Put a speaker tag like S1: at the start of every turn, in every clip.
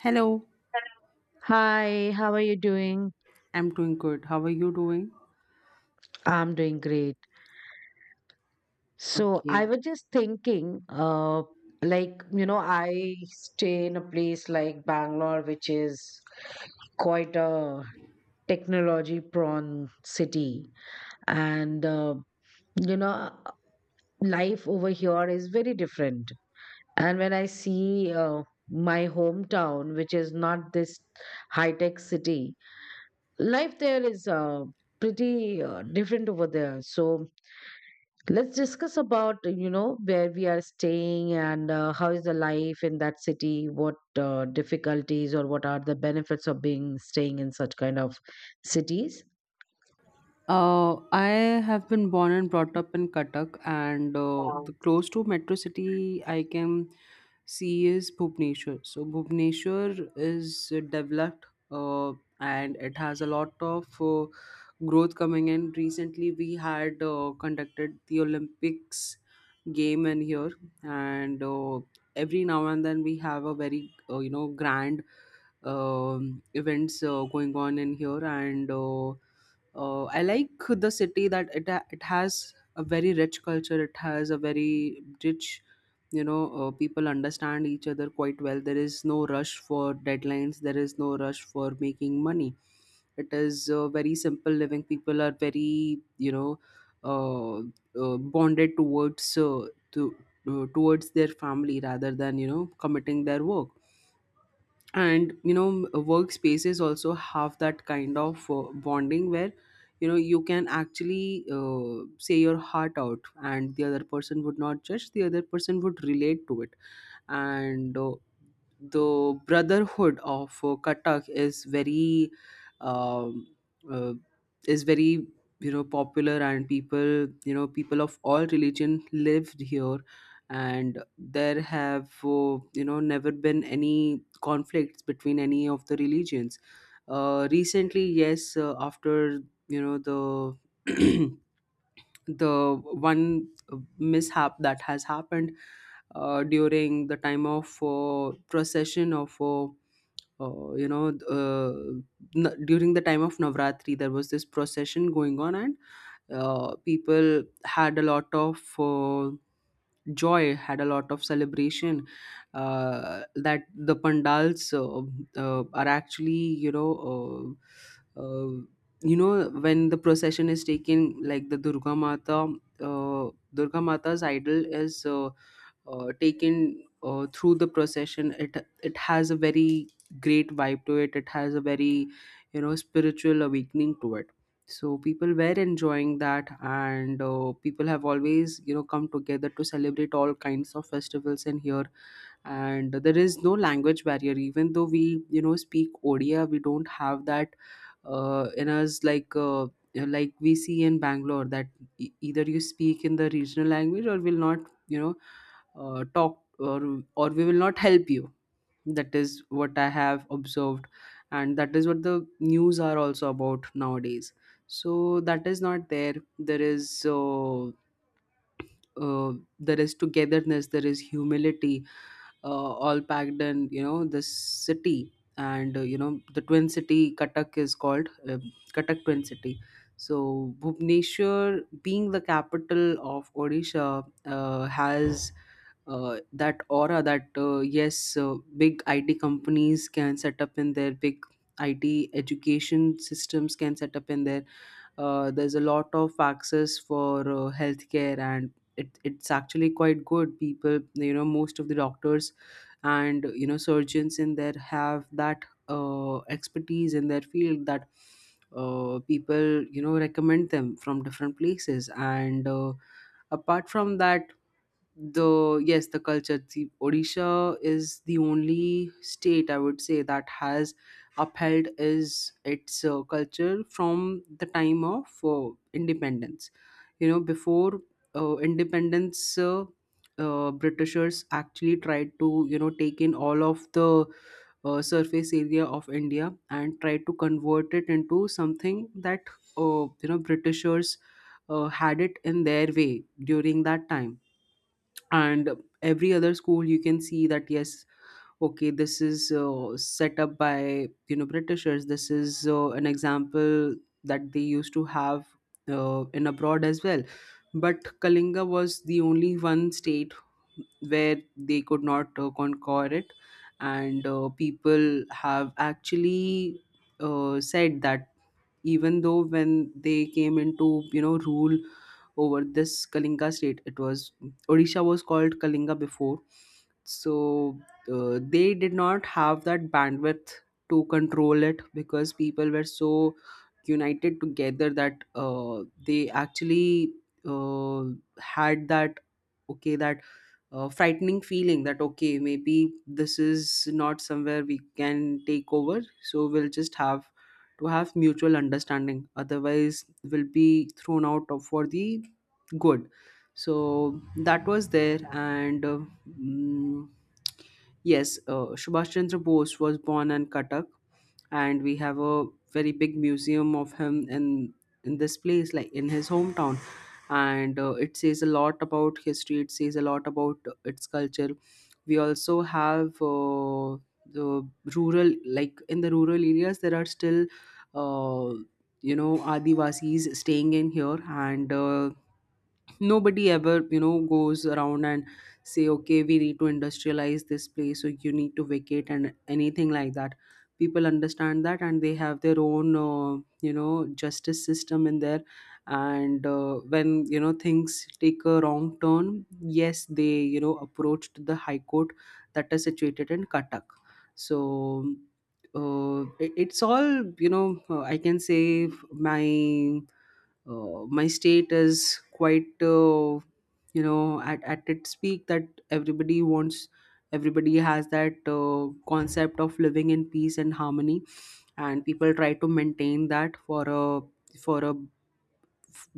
S1: Hello,
S2: Hi, how are you doing?
S1: I'm doing good. How are you doing?
S2: I'm doing great. So I
S1: Okay.
S2: was just thinking, like, you know, I stay in a place like Bangalore, which is quite a technology prone city. And, you know, life over here is very different. And when I see my hometown, which is not this high tech city, life there is pretty different over there. So let's discuss about, you know, where we are staying, and how is the life in that city. What difficulties or what are the benefits of being staying in such kind of cities?
S1: I have been born and brought up in Cuttack, and the
S2: Wow.
S1: close to metro city I can see is Bhubaneswar. So Bhubaneswar is developed, and it has a lot of growth coming in. Recently, we had conducted the Olympics game in here, and every now and then we have a very you know grand events going on in here, and I like the city that it has a very rich culture. It has a very rich, you know, people understand each other quite well. There is no rush for deadlines. There is no rush for making money. It is very simple living. People are very, you know, uh, bonded to towards their family rather than you know committing their work, and you know workspaces also have that kind of bonding where you know you can actually say your heart out and the other person would not judge, the other person would relate to it, and the brotherhood of Kathak is very um, uh, is very you know popular, and people, you know, people of all religion lived here, and there have you know never been any conflicts between any of the religions. Recently, yes, after you know the the one mishap that has happened during the time of procession of you know uh, during the time of Navratri there was this procession going on, and people had a lot of joy, had a lot of celebration, that the pandals are actually uh, uh, you know when the procession is taken, like the Durga Mata, Durga Mata's idol is taken through the procession, it has a very great vibe to it, it has a very you know spiritual awakening to it. So people were enjoying that, and people have always you know come together to celebrate all kinds of festivals in here. And there is no language barrier. Even though we you know speak Odia, we don't have that in us like we see in Bangalore that either you speak in the regional language or will not you know talk, or we will not help you. That is what I have observed, and that is what the news are also about nowadays. So that is not there. There is uh, there is togetherness, there is humility, all packed in you know the city. And you know the twin city Katak is called Katak twin city. So Bhubaneswar, being the capital of Odisha, has that aura that yes, big IT companies can set up in there. Big IT education systems can set up in there. There's a lot of access for healthcare, and it's actually quite good. People you know most of the doctors and you know surgeons in there have that expertise in their field that people you know recommend them from different places. And apart from that, the yes the culture, the Odisha is the only state I would say that has upheld is its culture from the time of independence. You know, before independence, Britishers actually tried to you know take in all of the surface area of India and tried to convert it into something that you know Britishers had it in their way during that time. And every other school you can see that yes okay this is set up by you know Britishers, this is an example that they used to have in abroad as well. But Kalinga was the only one state where they could not conquer it. And people have actually said that even though when they came into you know rule over this Kalinga state, it was, Odisha was called Kalinga before, so they did not have that bandwidth to control it because people were so united together that they actually uh, had that okay, that frightening feeling that okay maybe this is not somewhere we can take over, so we'll just have to have mutual understanding, otherwise we'll be thrown out of for the good. So that was there. And mm, yes, Subhash Chandra Bose was born in Katak, and we have a very big museum of him in this place, like in his hometown. And it says a lot about history, it says a lot about its culture. We also have the rural, like in the rural areas there are still uh, you know Adivasis staying in here. And nobody ever you know goes around and say okay we need to industrialize this place so you need to vacate and anything like that. People understand that, and they have their own you know justice system in there. And when you know things take a wrong turn, yes they you know approached the high court that is situated in Katak. So it's all you know I can say my my state is quite you know at its peak that everybody wants, everybody has that concept of living in peace and harmony. And people try to maintain that for a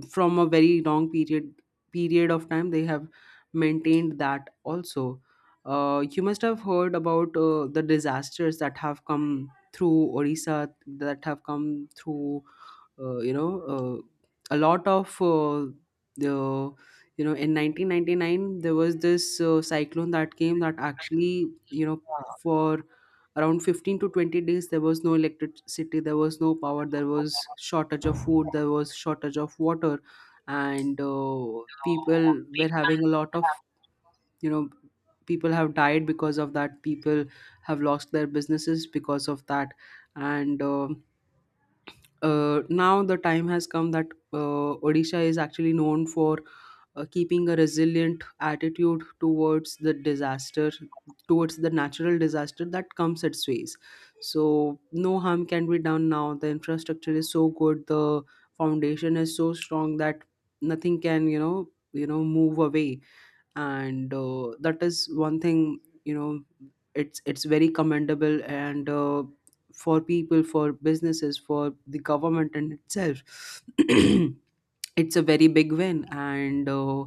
S1: from a very long period of time they have maintained that also. You must have heard about the disasters that have come through Odisha, that have come through you know a lot of the you know in 1999 there was this cyclone that came, that actually you know for around 15 to 20 days there was no electricity, there was no power, there was shortage of food, there was shortage of water. And people were having a lot of you know, people have died because of that, people have lost their businesses because of that. And now the time has come that Odisha is actually known for keeping a resilient attitude towards the disaster, towards the natural disaster that comes its ways. So no harm can be done now. The infrastructure is so good, the foundation is so strong that nothing can, you know, move away. And that is one thing you know it's very commendable. And for people, for businesses, for the government in itself, it's a very big win. And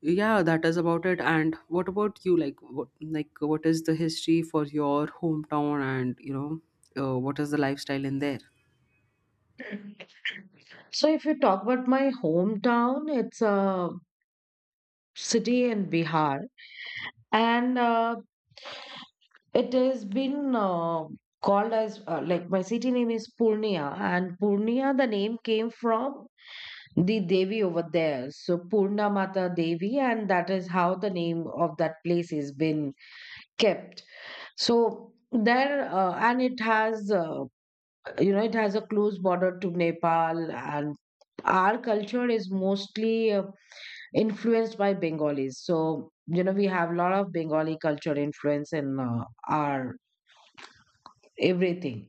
S1: yeah, that is about it. And what about you, like what, like what is the history for your hometown, and you know what is the lifestyle in there?
S2: So if you talk about my hometown, it's a city in Bihar, and it has been called as like, my city name is Purnia, and Purnia, the name came from the Devi over there, so Purna Mata Devi, and that is how the name of that place is been kept. So there, and it has, you know, it has a close border to Nepal, and our culture is mostly influenced by Bengalis. So you know, we have a lot of Bengali culture influence in our everything.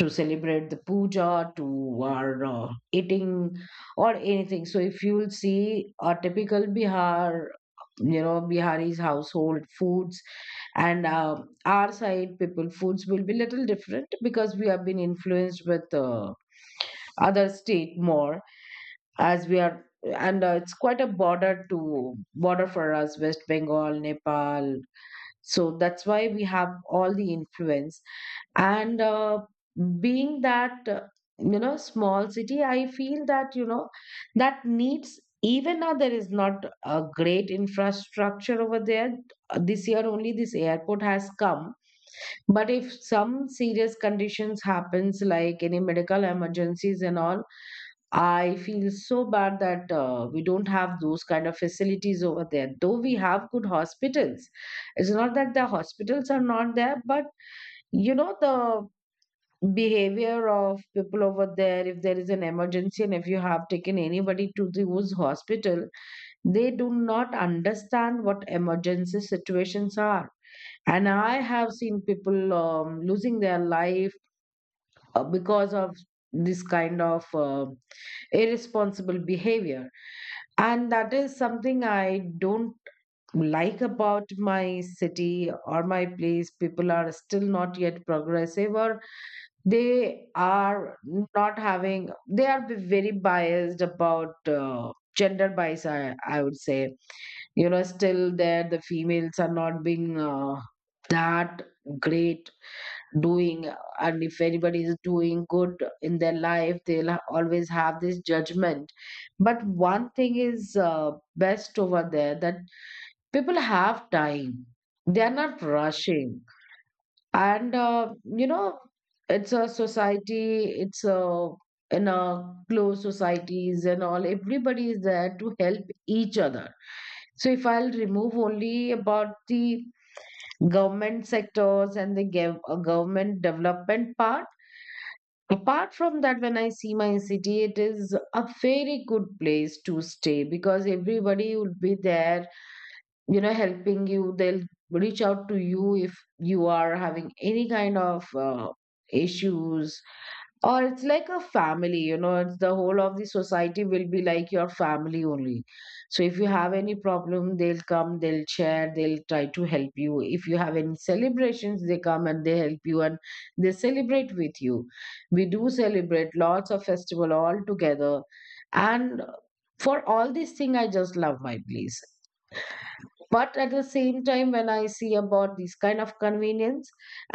S2: To celebrate the puja, to our eating or anything. So if you will see a typical Bihar, you know, Bihari's household foods and our side people foods will be little different, because we have been influenced with other state more as we are, and it's quite a border to border for us, West Bengal, Nepal. So that's why we have all the influence. And being that you know, small city, I feel that, you know, that needs, even now there is not a great infrastructure over there. This year only this airport has come, but if some serious conditions happens like any medical emergencies and all, I feel so bad that we don't have those kind of facilities over there, though we have good hospitals. It's not that the hospitals are not there, but you know the behavior of people over there, if there is an emergency and if you have taken anybody to the who's hospital, they do not understand what emergency situations are. And I have seen people losing their life because of this kind of irresponsible behavior. And that is something I don't like about my city or my place. People are still not yet progressive, or they are not having, they are very biased about gender bias, I would say. You know, still there the females are not being that great doing, and if anybody is doing good in their life, they'll always have this judgment. But one thing is best over there, that people have time, they are not rushing. And you know, it's a society, it's a, in a closed societies and all, everybody is there to help each other. So if I'll remove only about the government sectors and the government development part, apart from that when I see my city, it is a very good place to stay because everybody will be there, you know, helping you. They'll reach out to you if you are having any kind of issues, or it's like a family, you know, it's the whole of the society will be like your family only. So if you have any problem, they'll come, they'll share, they'll try to help you. If you have any celebrations, they come and they help you and they celebrate with you. We do celebrate lots of festival all together. And for all these thing, I just love my place. But at the same time, when I see about these kind of convenience,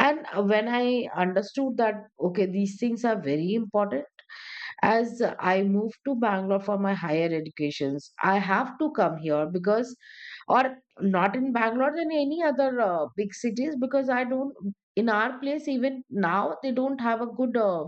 S2: and when I understood that, okay, these things are very important. As I moved to Bangalore for my higher educations, I have to come here because, or, not in Bangalore than any other big cities, because I don't, in our place, even now, they don't have a good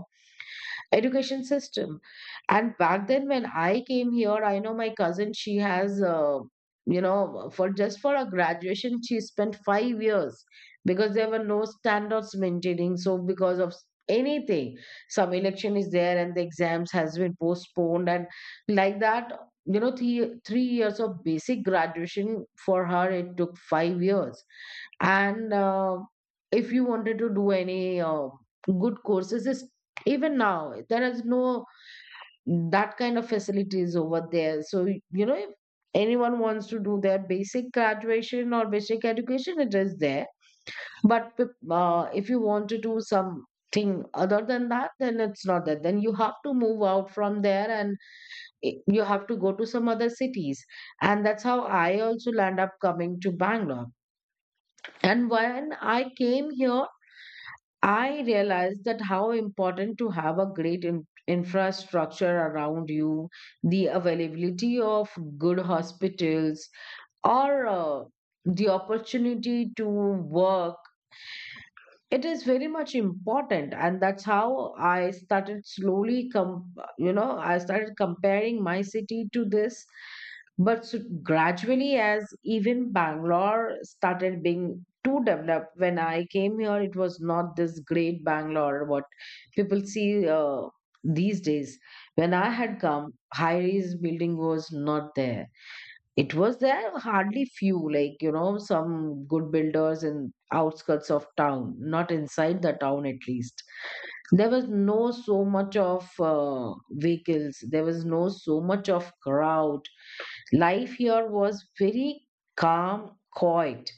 S2: education system. And back then when I came here, I know my cousin, she has you know, for just for a graduation, she spent 5 years, because there were no standards maintaining. So because of anything, some election is there and the exams has been postponed, and like that, you know, three years of basic graduation, for her it took 5 years. And if you wanted to do any uh, good courses, even now, there is no, that kind of facilities over there. So, you know, if anyone wants to do their basic graduation or basic education, it is there. But if you want to do something other than that, then it's not there. Then you have to move out from there, and you have to go to some other cities. And that's how I also land up coming to Bangalore. And when I came here, I realized that how important to have a great infrastructure around you, the availability of good hospitals, or the opportunity to work, it is very much important. And that's how I started slowly you know, I started comparing my city to this. But gradually, as even Bangalore started being too developed, when I came here it was not this great Bangalore what people see these days. When I had come, high rise building was not there. It was there hardly few, like, you know, some good builders in outskirts of town, not inside the town at least. There was no so much of vehicles, there was no so much of crowd. Life here was very calm, quiet.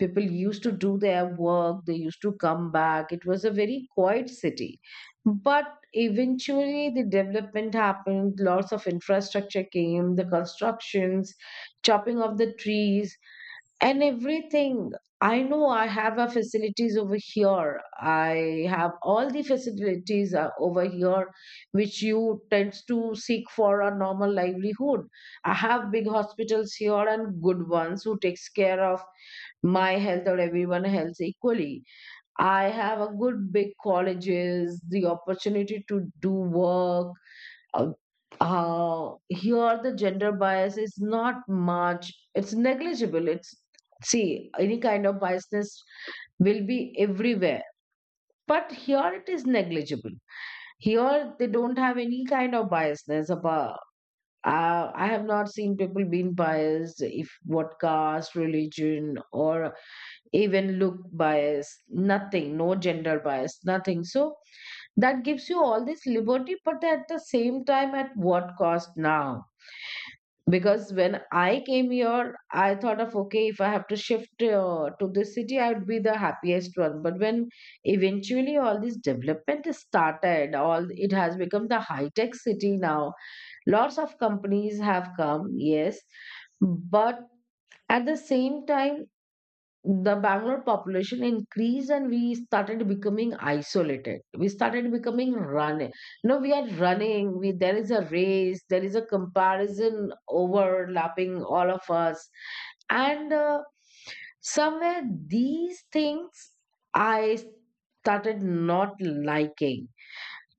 S2: People used to do their work, they used to come back, it was a very quiet city. But eventually the development happened, lots of infrastructure came, the constructions, chopping of the trees and everything. I know I have a facilities over here, I have all the facilities over here, which you tends to seek for a normal livelihood. I have big hospitals here and good ones who takes care of my health or everyone else equally. I have a good big colleges, the opportunity to do work. Uh, here, the gender bias is not much, it's negligible. It's, see, any kind of biasness will be everywhere, but here it is negligible. Here, they don't have any kind of biasness about. I have not seen people being biased if what caste, religion, or even look bias, nothing, no gender bias, nothing. So that gives you all this liberty, but at the same time at what cost now? Because when I came here, I thought of, okay, if I have to shift to this city, I would be the happiest one. But when eventually all this development is started, all it has become the high tech city now. Lots of companies have come, yes, but at the same time the Bangalore population increased and we started becoming isolated. We started becoming running. No, we are running. We, there is a race, there is a comparison overlapping all of us. And somewhere these things I started not liking.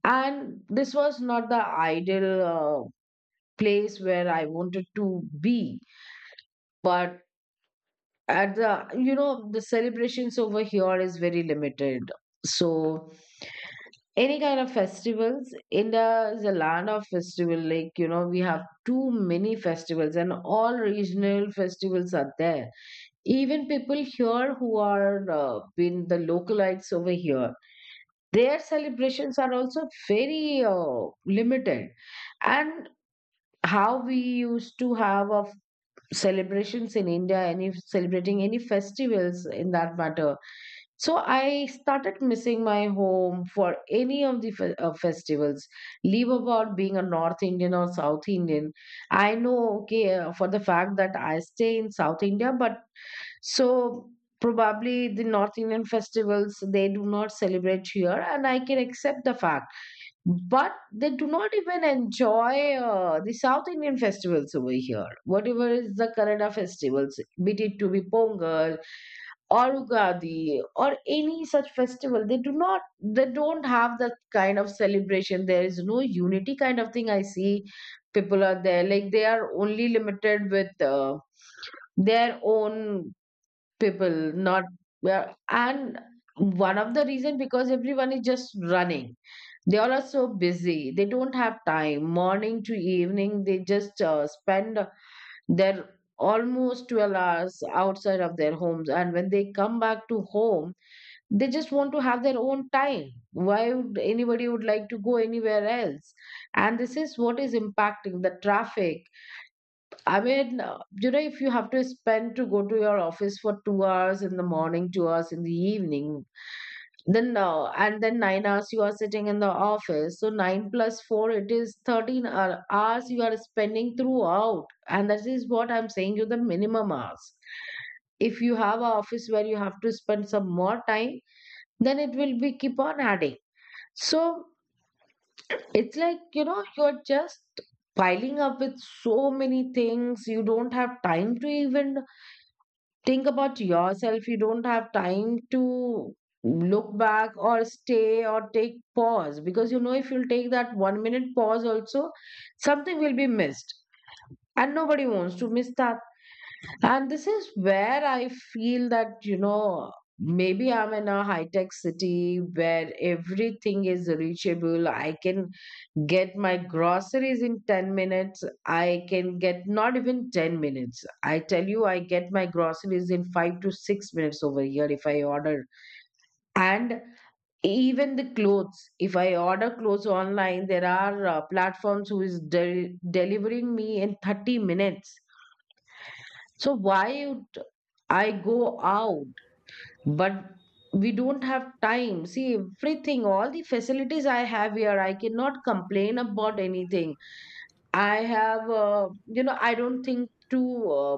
S2: And this was not the ideal place where I wanted to be. But at the, you know, the celebrations over here is very limited. So any kind of festivals, India is a land of festival, like you know we have too many festivals, and all regional festivals are there. Even people here who are been the localites over here, their celebrations are also very limited. And how we used to have of celebrations in India, any celebrating any festivals in that matter, so I started missing my home for any of the festivals. Leave about being a North Indian or South Indian. I know, okay, for the fact that I stay in South India, but so probably the North Indian festivals they do not celebrate here, and I can accept the fact. But they do not even enjoy the South Indian festivals over here. Whatever is the Kannada festivals, be it to be Pongal or Ugadi or any such festival, they do not, they don't have that kind of celebration. There is no unity kind of thing. I see people are there like they are only limited with their own people, not, yeah. And one of the reason because everyone is just running. They all are so busy. They don't have time. Morning to evening, they just spend they're almost 12 hours outside of their homes, and when they come back to home they just want to have their own time. Why would anybody would like to go anywhere else? And this is what is impacting the traffic. You know, if you have to spend to go to your office for 2 hours in the morning, 2 hours in the evening, then and then 9 hours you are sitting in the office. So nine plus four, it is hours you are spending throughout. And that is what I'm saying you, the minimum hours. If you have an office where you have to spend some more time, then it will be keep on adding. So it's like, you know, you're just piling up with so many things. You don't have time to even think about yourself. You don't have time to look back or stay or take pause, because you know if you'll take that 1 minute pause also, something will be missed, and nobody wants to miss that. And this is where I feel that, you know, maybe I'm in a high tech city where everything is reachable. I can get my groceries in 10 minutes. I can get not even 10 minutes, I tell you, I get my groceries in 5 to 6 minutes over here if I order. And even the clothes, if I order clothes online, there are platforms who is delivering me in 30 minutes. So why would I go out? But we don't have time. See, everything, all the facilities I have here, I cannot complain about anything. I have, you know, I don't think to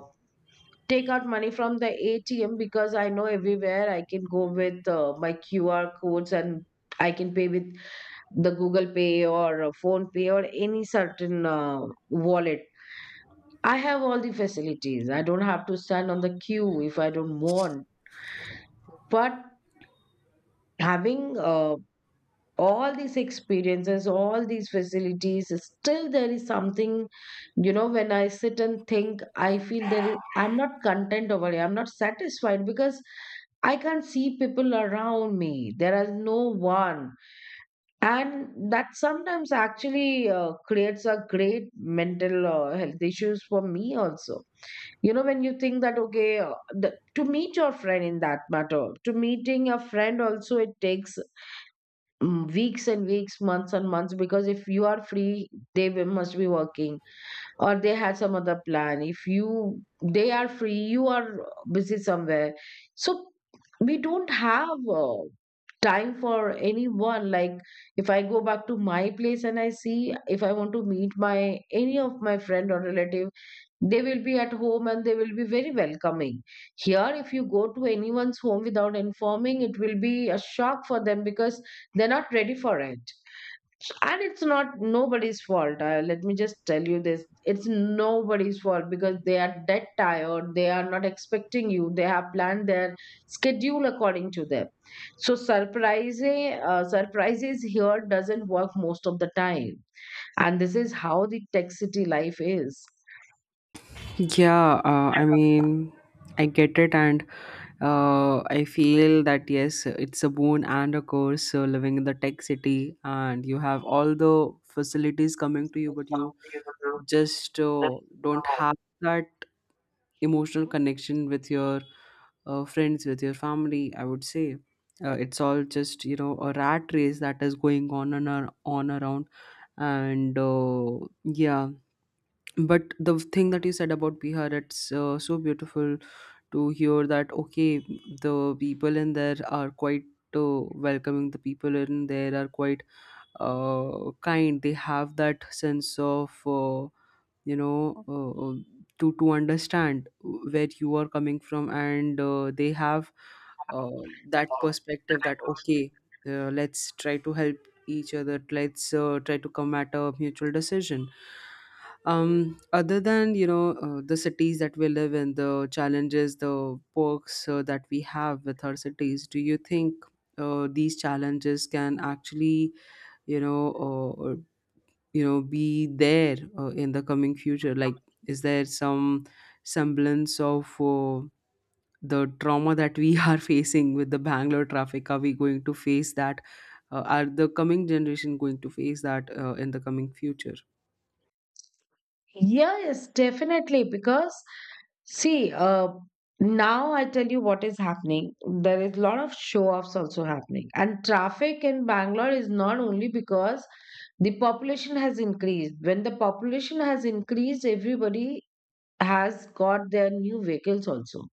S2: take out money from the ATM, because I know everywhere I can go with my QR codes, and I can pay with the Google Pay or Phone Pay or any certain wallet. I have all the facilities. I don't have to stand on the queue if I don't want. But having all these experiences, all these facilities, still there is something, you know, when I sit and think, I feel there is, I'm not content over here. I'm not satisfied because I can't see people around me. There is no one. And that sometimes actually creates a great mental health issues for me also. You know, when you think that, okay, the, to meet your friend in that matter, to meeting a friend also, it takes weeks and weeks, months and months, because if you are free, must be working, or they had some other plan. If you They are free, you are busy somewhere. So we don't have time for anyone. Like if I go back to my place and I see, if I want to meet my any of my friend or relative, they will be at home and they will be very welcoming. Here, if you go to anyone's home without informing, it will be a shock for them because they're not ready for it. And it's not nobody's fault. Let me just tell you this, it's nobody's fault because they are dead tired. They are not expecting you. They have planned their schedule according to them. So, surprises here doesn't work most of the time. And this is how the tech city life is.
S1: Yeah, I mean, I get it. And I feel that yes, it's a boon and a curse. So living in the tech city, and you have all the facilities coming to you, but you just don't have that emotional connection with your friends, with your family. I would say it's all just you know a rat race that is going on and on around. And yeah, but the thing that you said about Bihar, it's so beautiful to hear that okay the people in there are quite uh, welcoming, the people in there are quite kind, they have that sense of you know to understand where you are coming from. And they have uh, that perspective that okay let's try to help each other, let's try to come at a mutual decision. Other than you know the cities that we live in, the challenges, the perks that we have with our cities, do you think these challenges can actually you know uh, uh, you know be there in the coming future, like is there some semblance of the trauma that we are facing with the Bangalore traffic, are we going to face that? Are the coming generation going to face that in the coming future?
S2: Yes, definitely. Because see, now I tell you what is happening. There is a lot of show-offs also happening. And traffic in Bangalore is not only because the population has increased. When the population has increased, everybody has got their new vehicles also.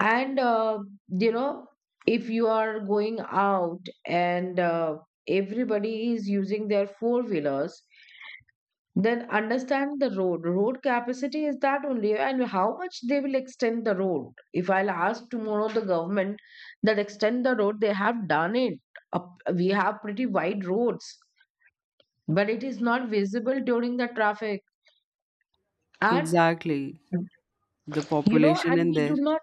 S2: And you know, if you are going out and everybody is using their four-wheelers, then understand the road. Road capacity is that only, and how much they will extend the road. If I'll ask tomorrow the government that extend the road, they have done it. We have pretty wide roads, but it is not visible during the traffic. And
S1: Exactly. The
S2: you know
S1: population
S2: and
S1: in
S2: we do
S1: there.
S2: not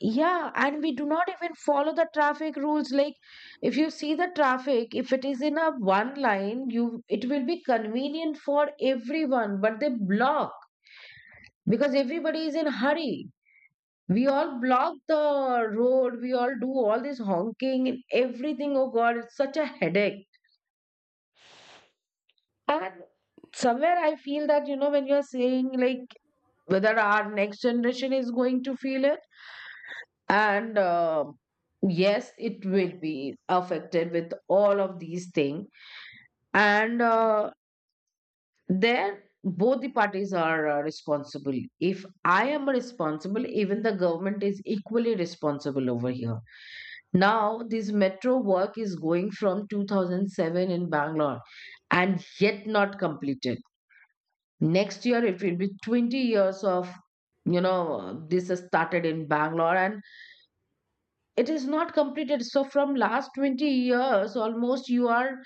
S2: yeah, and we do not even follow the traffic rules. Like if you see the traffic, if it is in a one line, you it will be convenient for everyone, but they block, because everybody is in hurry. We all block the road, we all do all this honking and everything. Oh god, it's such a headache. And somewhere I feel that, you know, when you're saying like whether our next generation is going to feel it, and yes, it will be affected with all of these things. And there both the parties are responsible. If I am responsible, even the government is equally responsible over here. Now, this metro work is going from 2007 in Bangalore and yet not completed. Next year, it will be 20 years of, you know, this has started in Bangalore and it is not completed. So, from last 20 years, almost you are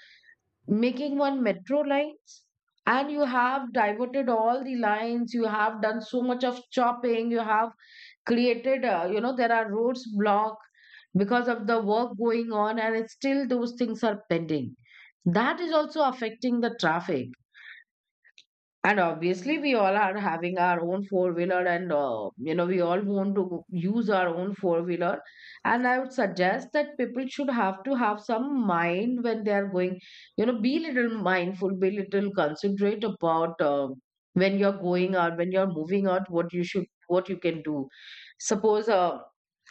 S2: making one metro lines, and you have diverted all the lines, you have done so much of chopping, you have created you know, there are roads blocked because of the work going on, and it's still those things are pending. That is also affecting the traffic. And obviously we all are having our own four wheeler, and you know, we all want to use our own four wheeler. And I would suggest that people should have to have some mind when they are going, you know, be little mindful, be little considerate about when you're going out, when you're moving out, what you should, what you can do. Suppose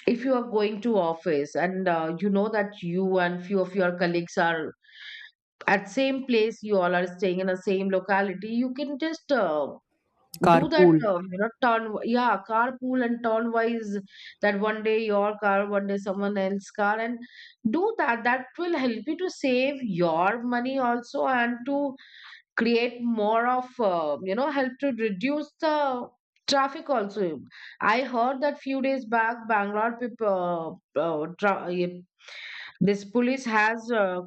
S2: if you are going to office and you know that you and few of your colleagues are at same place, you all are staying in the same locality, you can just do that,
S1: Carpool.
S2: you know, turn, yeah, carpool and turn wise, that one day your car, one day someone else's car, and do that. That will help you to save your money also, and to create more of you know, help to reduce the traffic also. I heard that few days back Bangalore people, this police has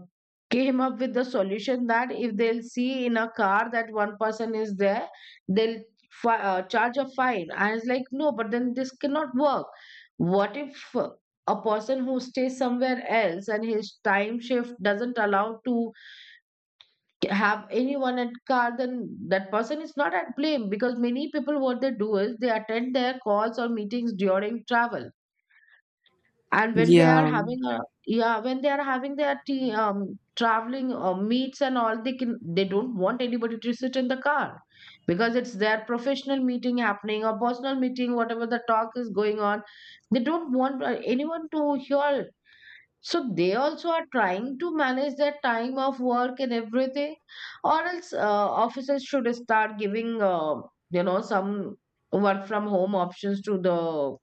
S2: came up with the solution that if they'll see in a car that one person is there, they'll charge a fine. I was like no, but then this cannot work. What if a person who stays somewhere else and his time shift doesn't allow to have anyone at car, then that person is not at blame, because many people what they do is they attend their calls or meetings during travel. And when they are
S1: Yeah,
S2: having a yeah, when they are having their tea, traveling meets and all, they don't want anybody to sit in the car because it's their professional meeting happening or personal meeting, whatever the talk is going on. They don't want anyone to hear it. So they also are trying to manage their time of work and everything. Or else offices should start giving you know, some work from home options to the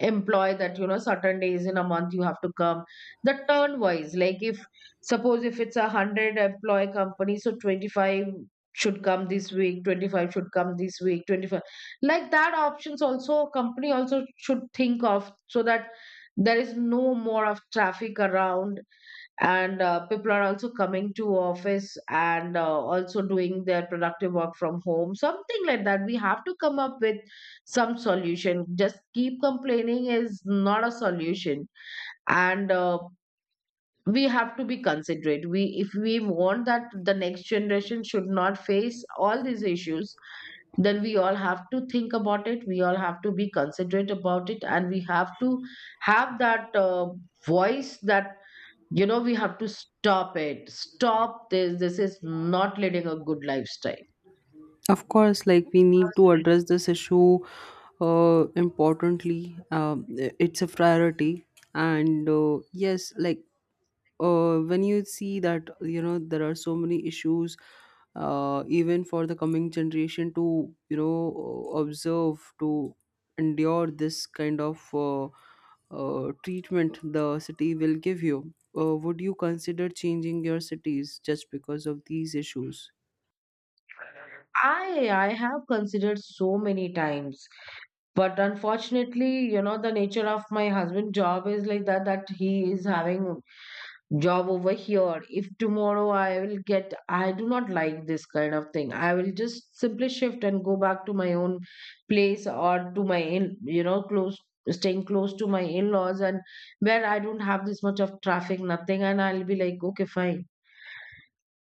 S2: employ, that you know certain days in a month you have to come, the turn wise. Like if suppose if it's a 100 employee company, so 25 should come this week, 25 should come this week, 25, like that options also company also should think of, so that there is no more of traffic around, and people are also coming to office and also doing their productive work from home. Something like that we have to come up with. Some solution, just keep complaining is not a solution. And we have to be considerate. We if we want that the next generation should not face all these issues, then we all have to think about it, we all have to be considerate about it, and we have to have that voice that, you know, we have to stop it. Stop this. This is not leading a good lifestyle.
S1: of course, like we need to address this issue importantly. It's a priority. And yes, like when you see that you know there are so many issues even for the coming generation to you know observe, to endure this kind of treatment the city will give you, would you consider changing your cities just because of these issues?
S2: I have considered so many times, but unfortunately, you know, the nature of my husband' job is like that, that he is having job over here. If tomorrow I will get, I do not like this kind of thing, I will just simply shift and go back to my own place, or to my in, you know, close, staying close to my in-laws, and where I don't have this much of traffic, nothing, and I'll be like okay, fine.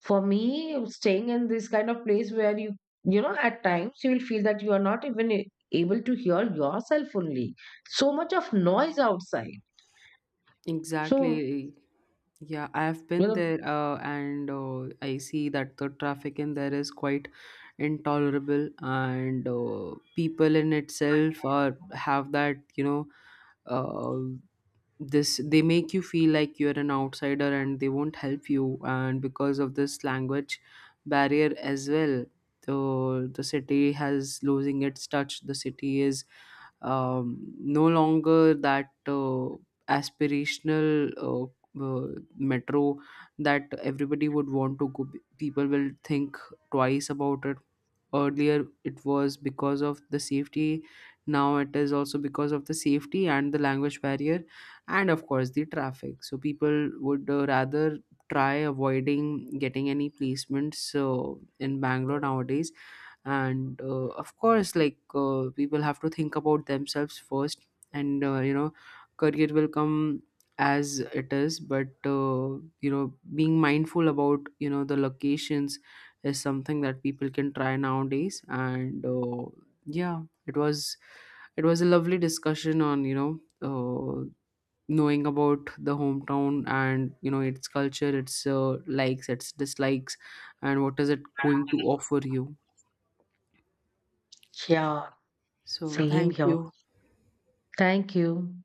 S2: For me, staying in this kind of place where you know, at times you will feel that you are not even able to hear yourself only, so much of noise outside. So
S1: Exactly. Yeah, I've
S2: you
S1: been
S2: know,
S1: there, and I see that the traffic in there is quite intolerable. And people in itself are have that you know. Uh, this, they make you feel like you're an outsider and they won't help you, and because of this language barrier as well, the city has losing its touch, the city is no longer that aspirational uh, metro that everybody would want to go, people will think twice about it. Earlier it was because of the safety, now it is also because of the safety and the language barrier, and of course the traffic. So people would rather try avoiding getting any placements so in Bangalore nowadays. And of course, like people have to think about themselves first. And you know career will come as it is, but you know being mindful about you know the locations is something that people can try nowadays. And yeah, it was, it was a lovely discussion on you know knowing about the hometown and you know its culture, its likes, its dislikes, and what is it going to offer you.
S2: yeah,
S1: So
S2: same
S1: thank
S2: here.
S1: you.
S2: Thank you.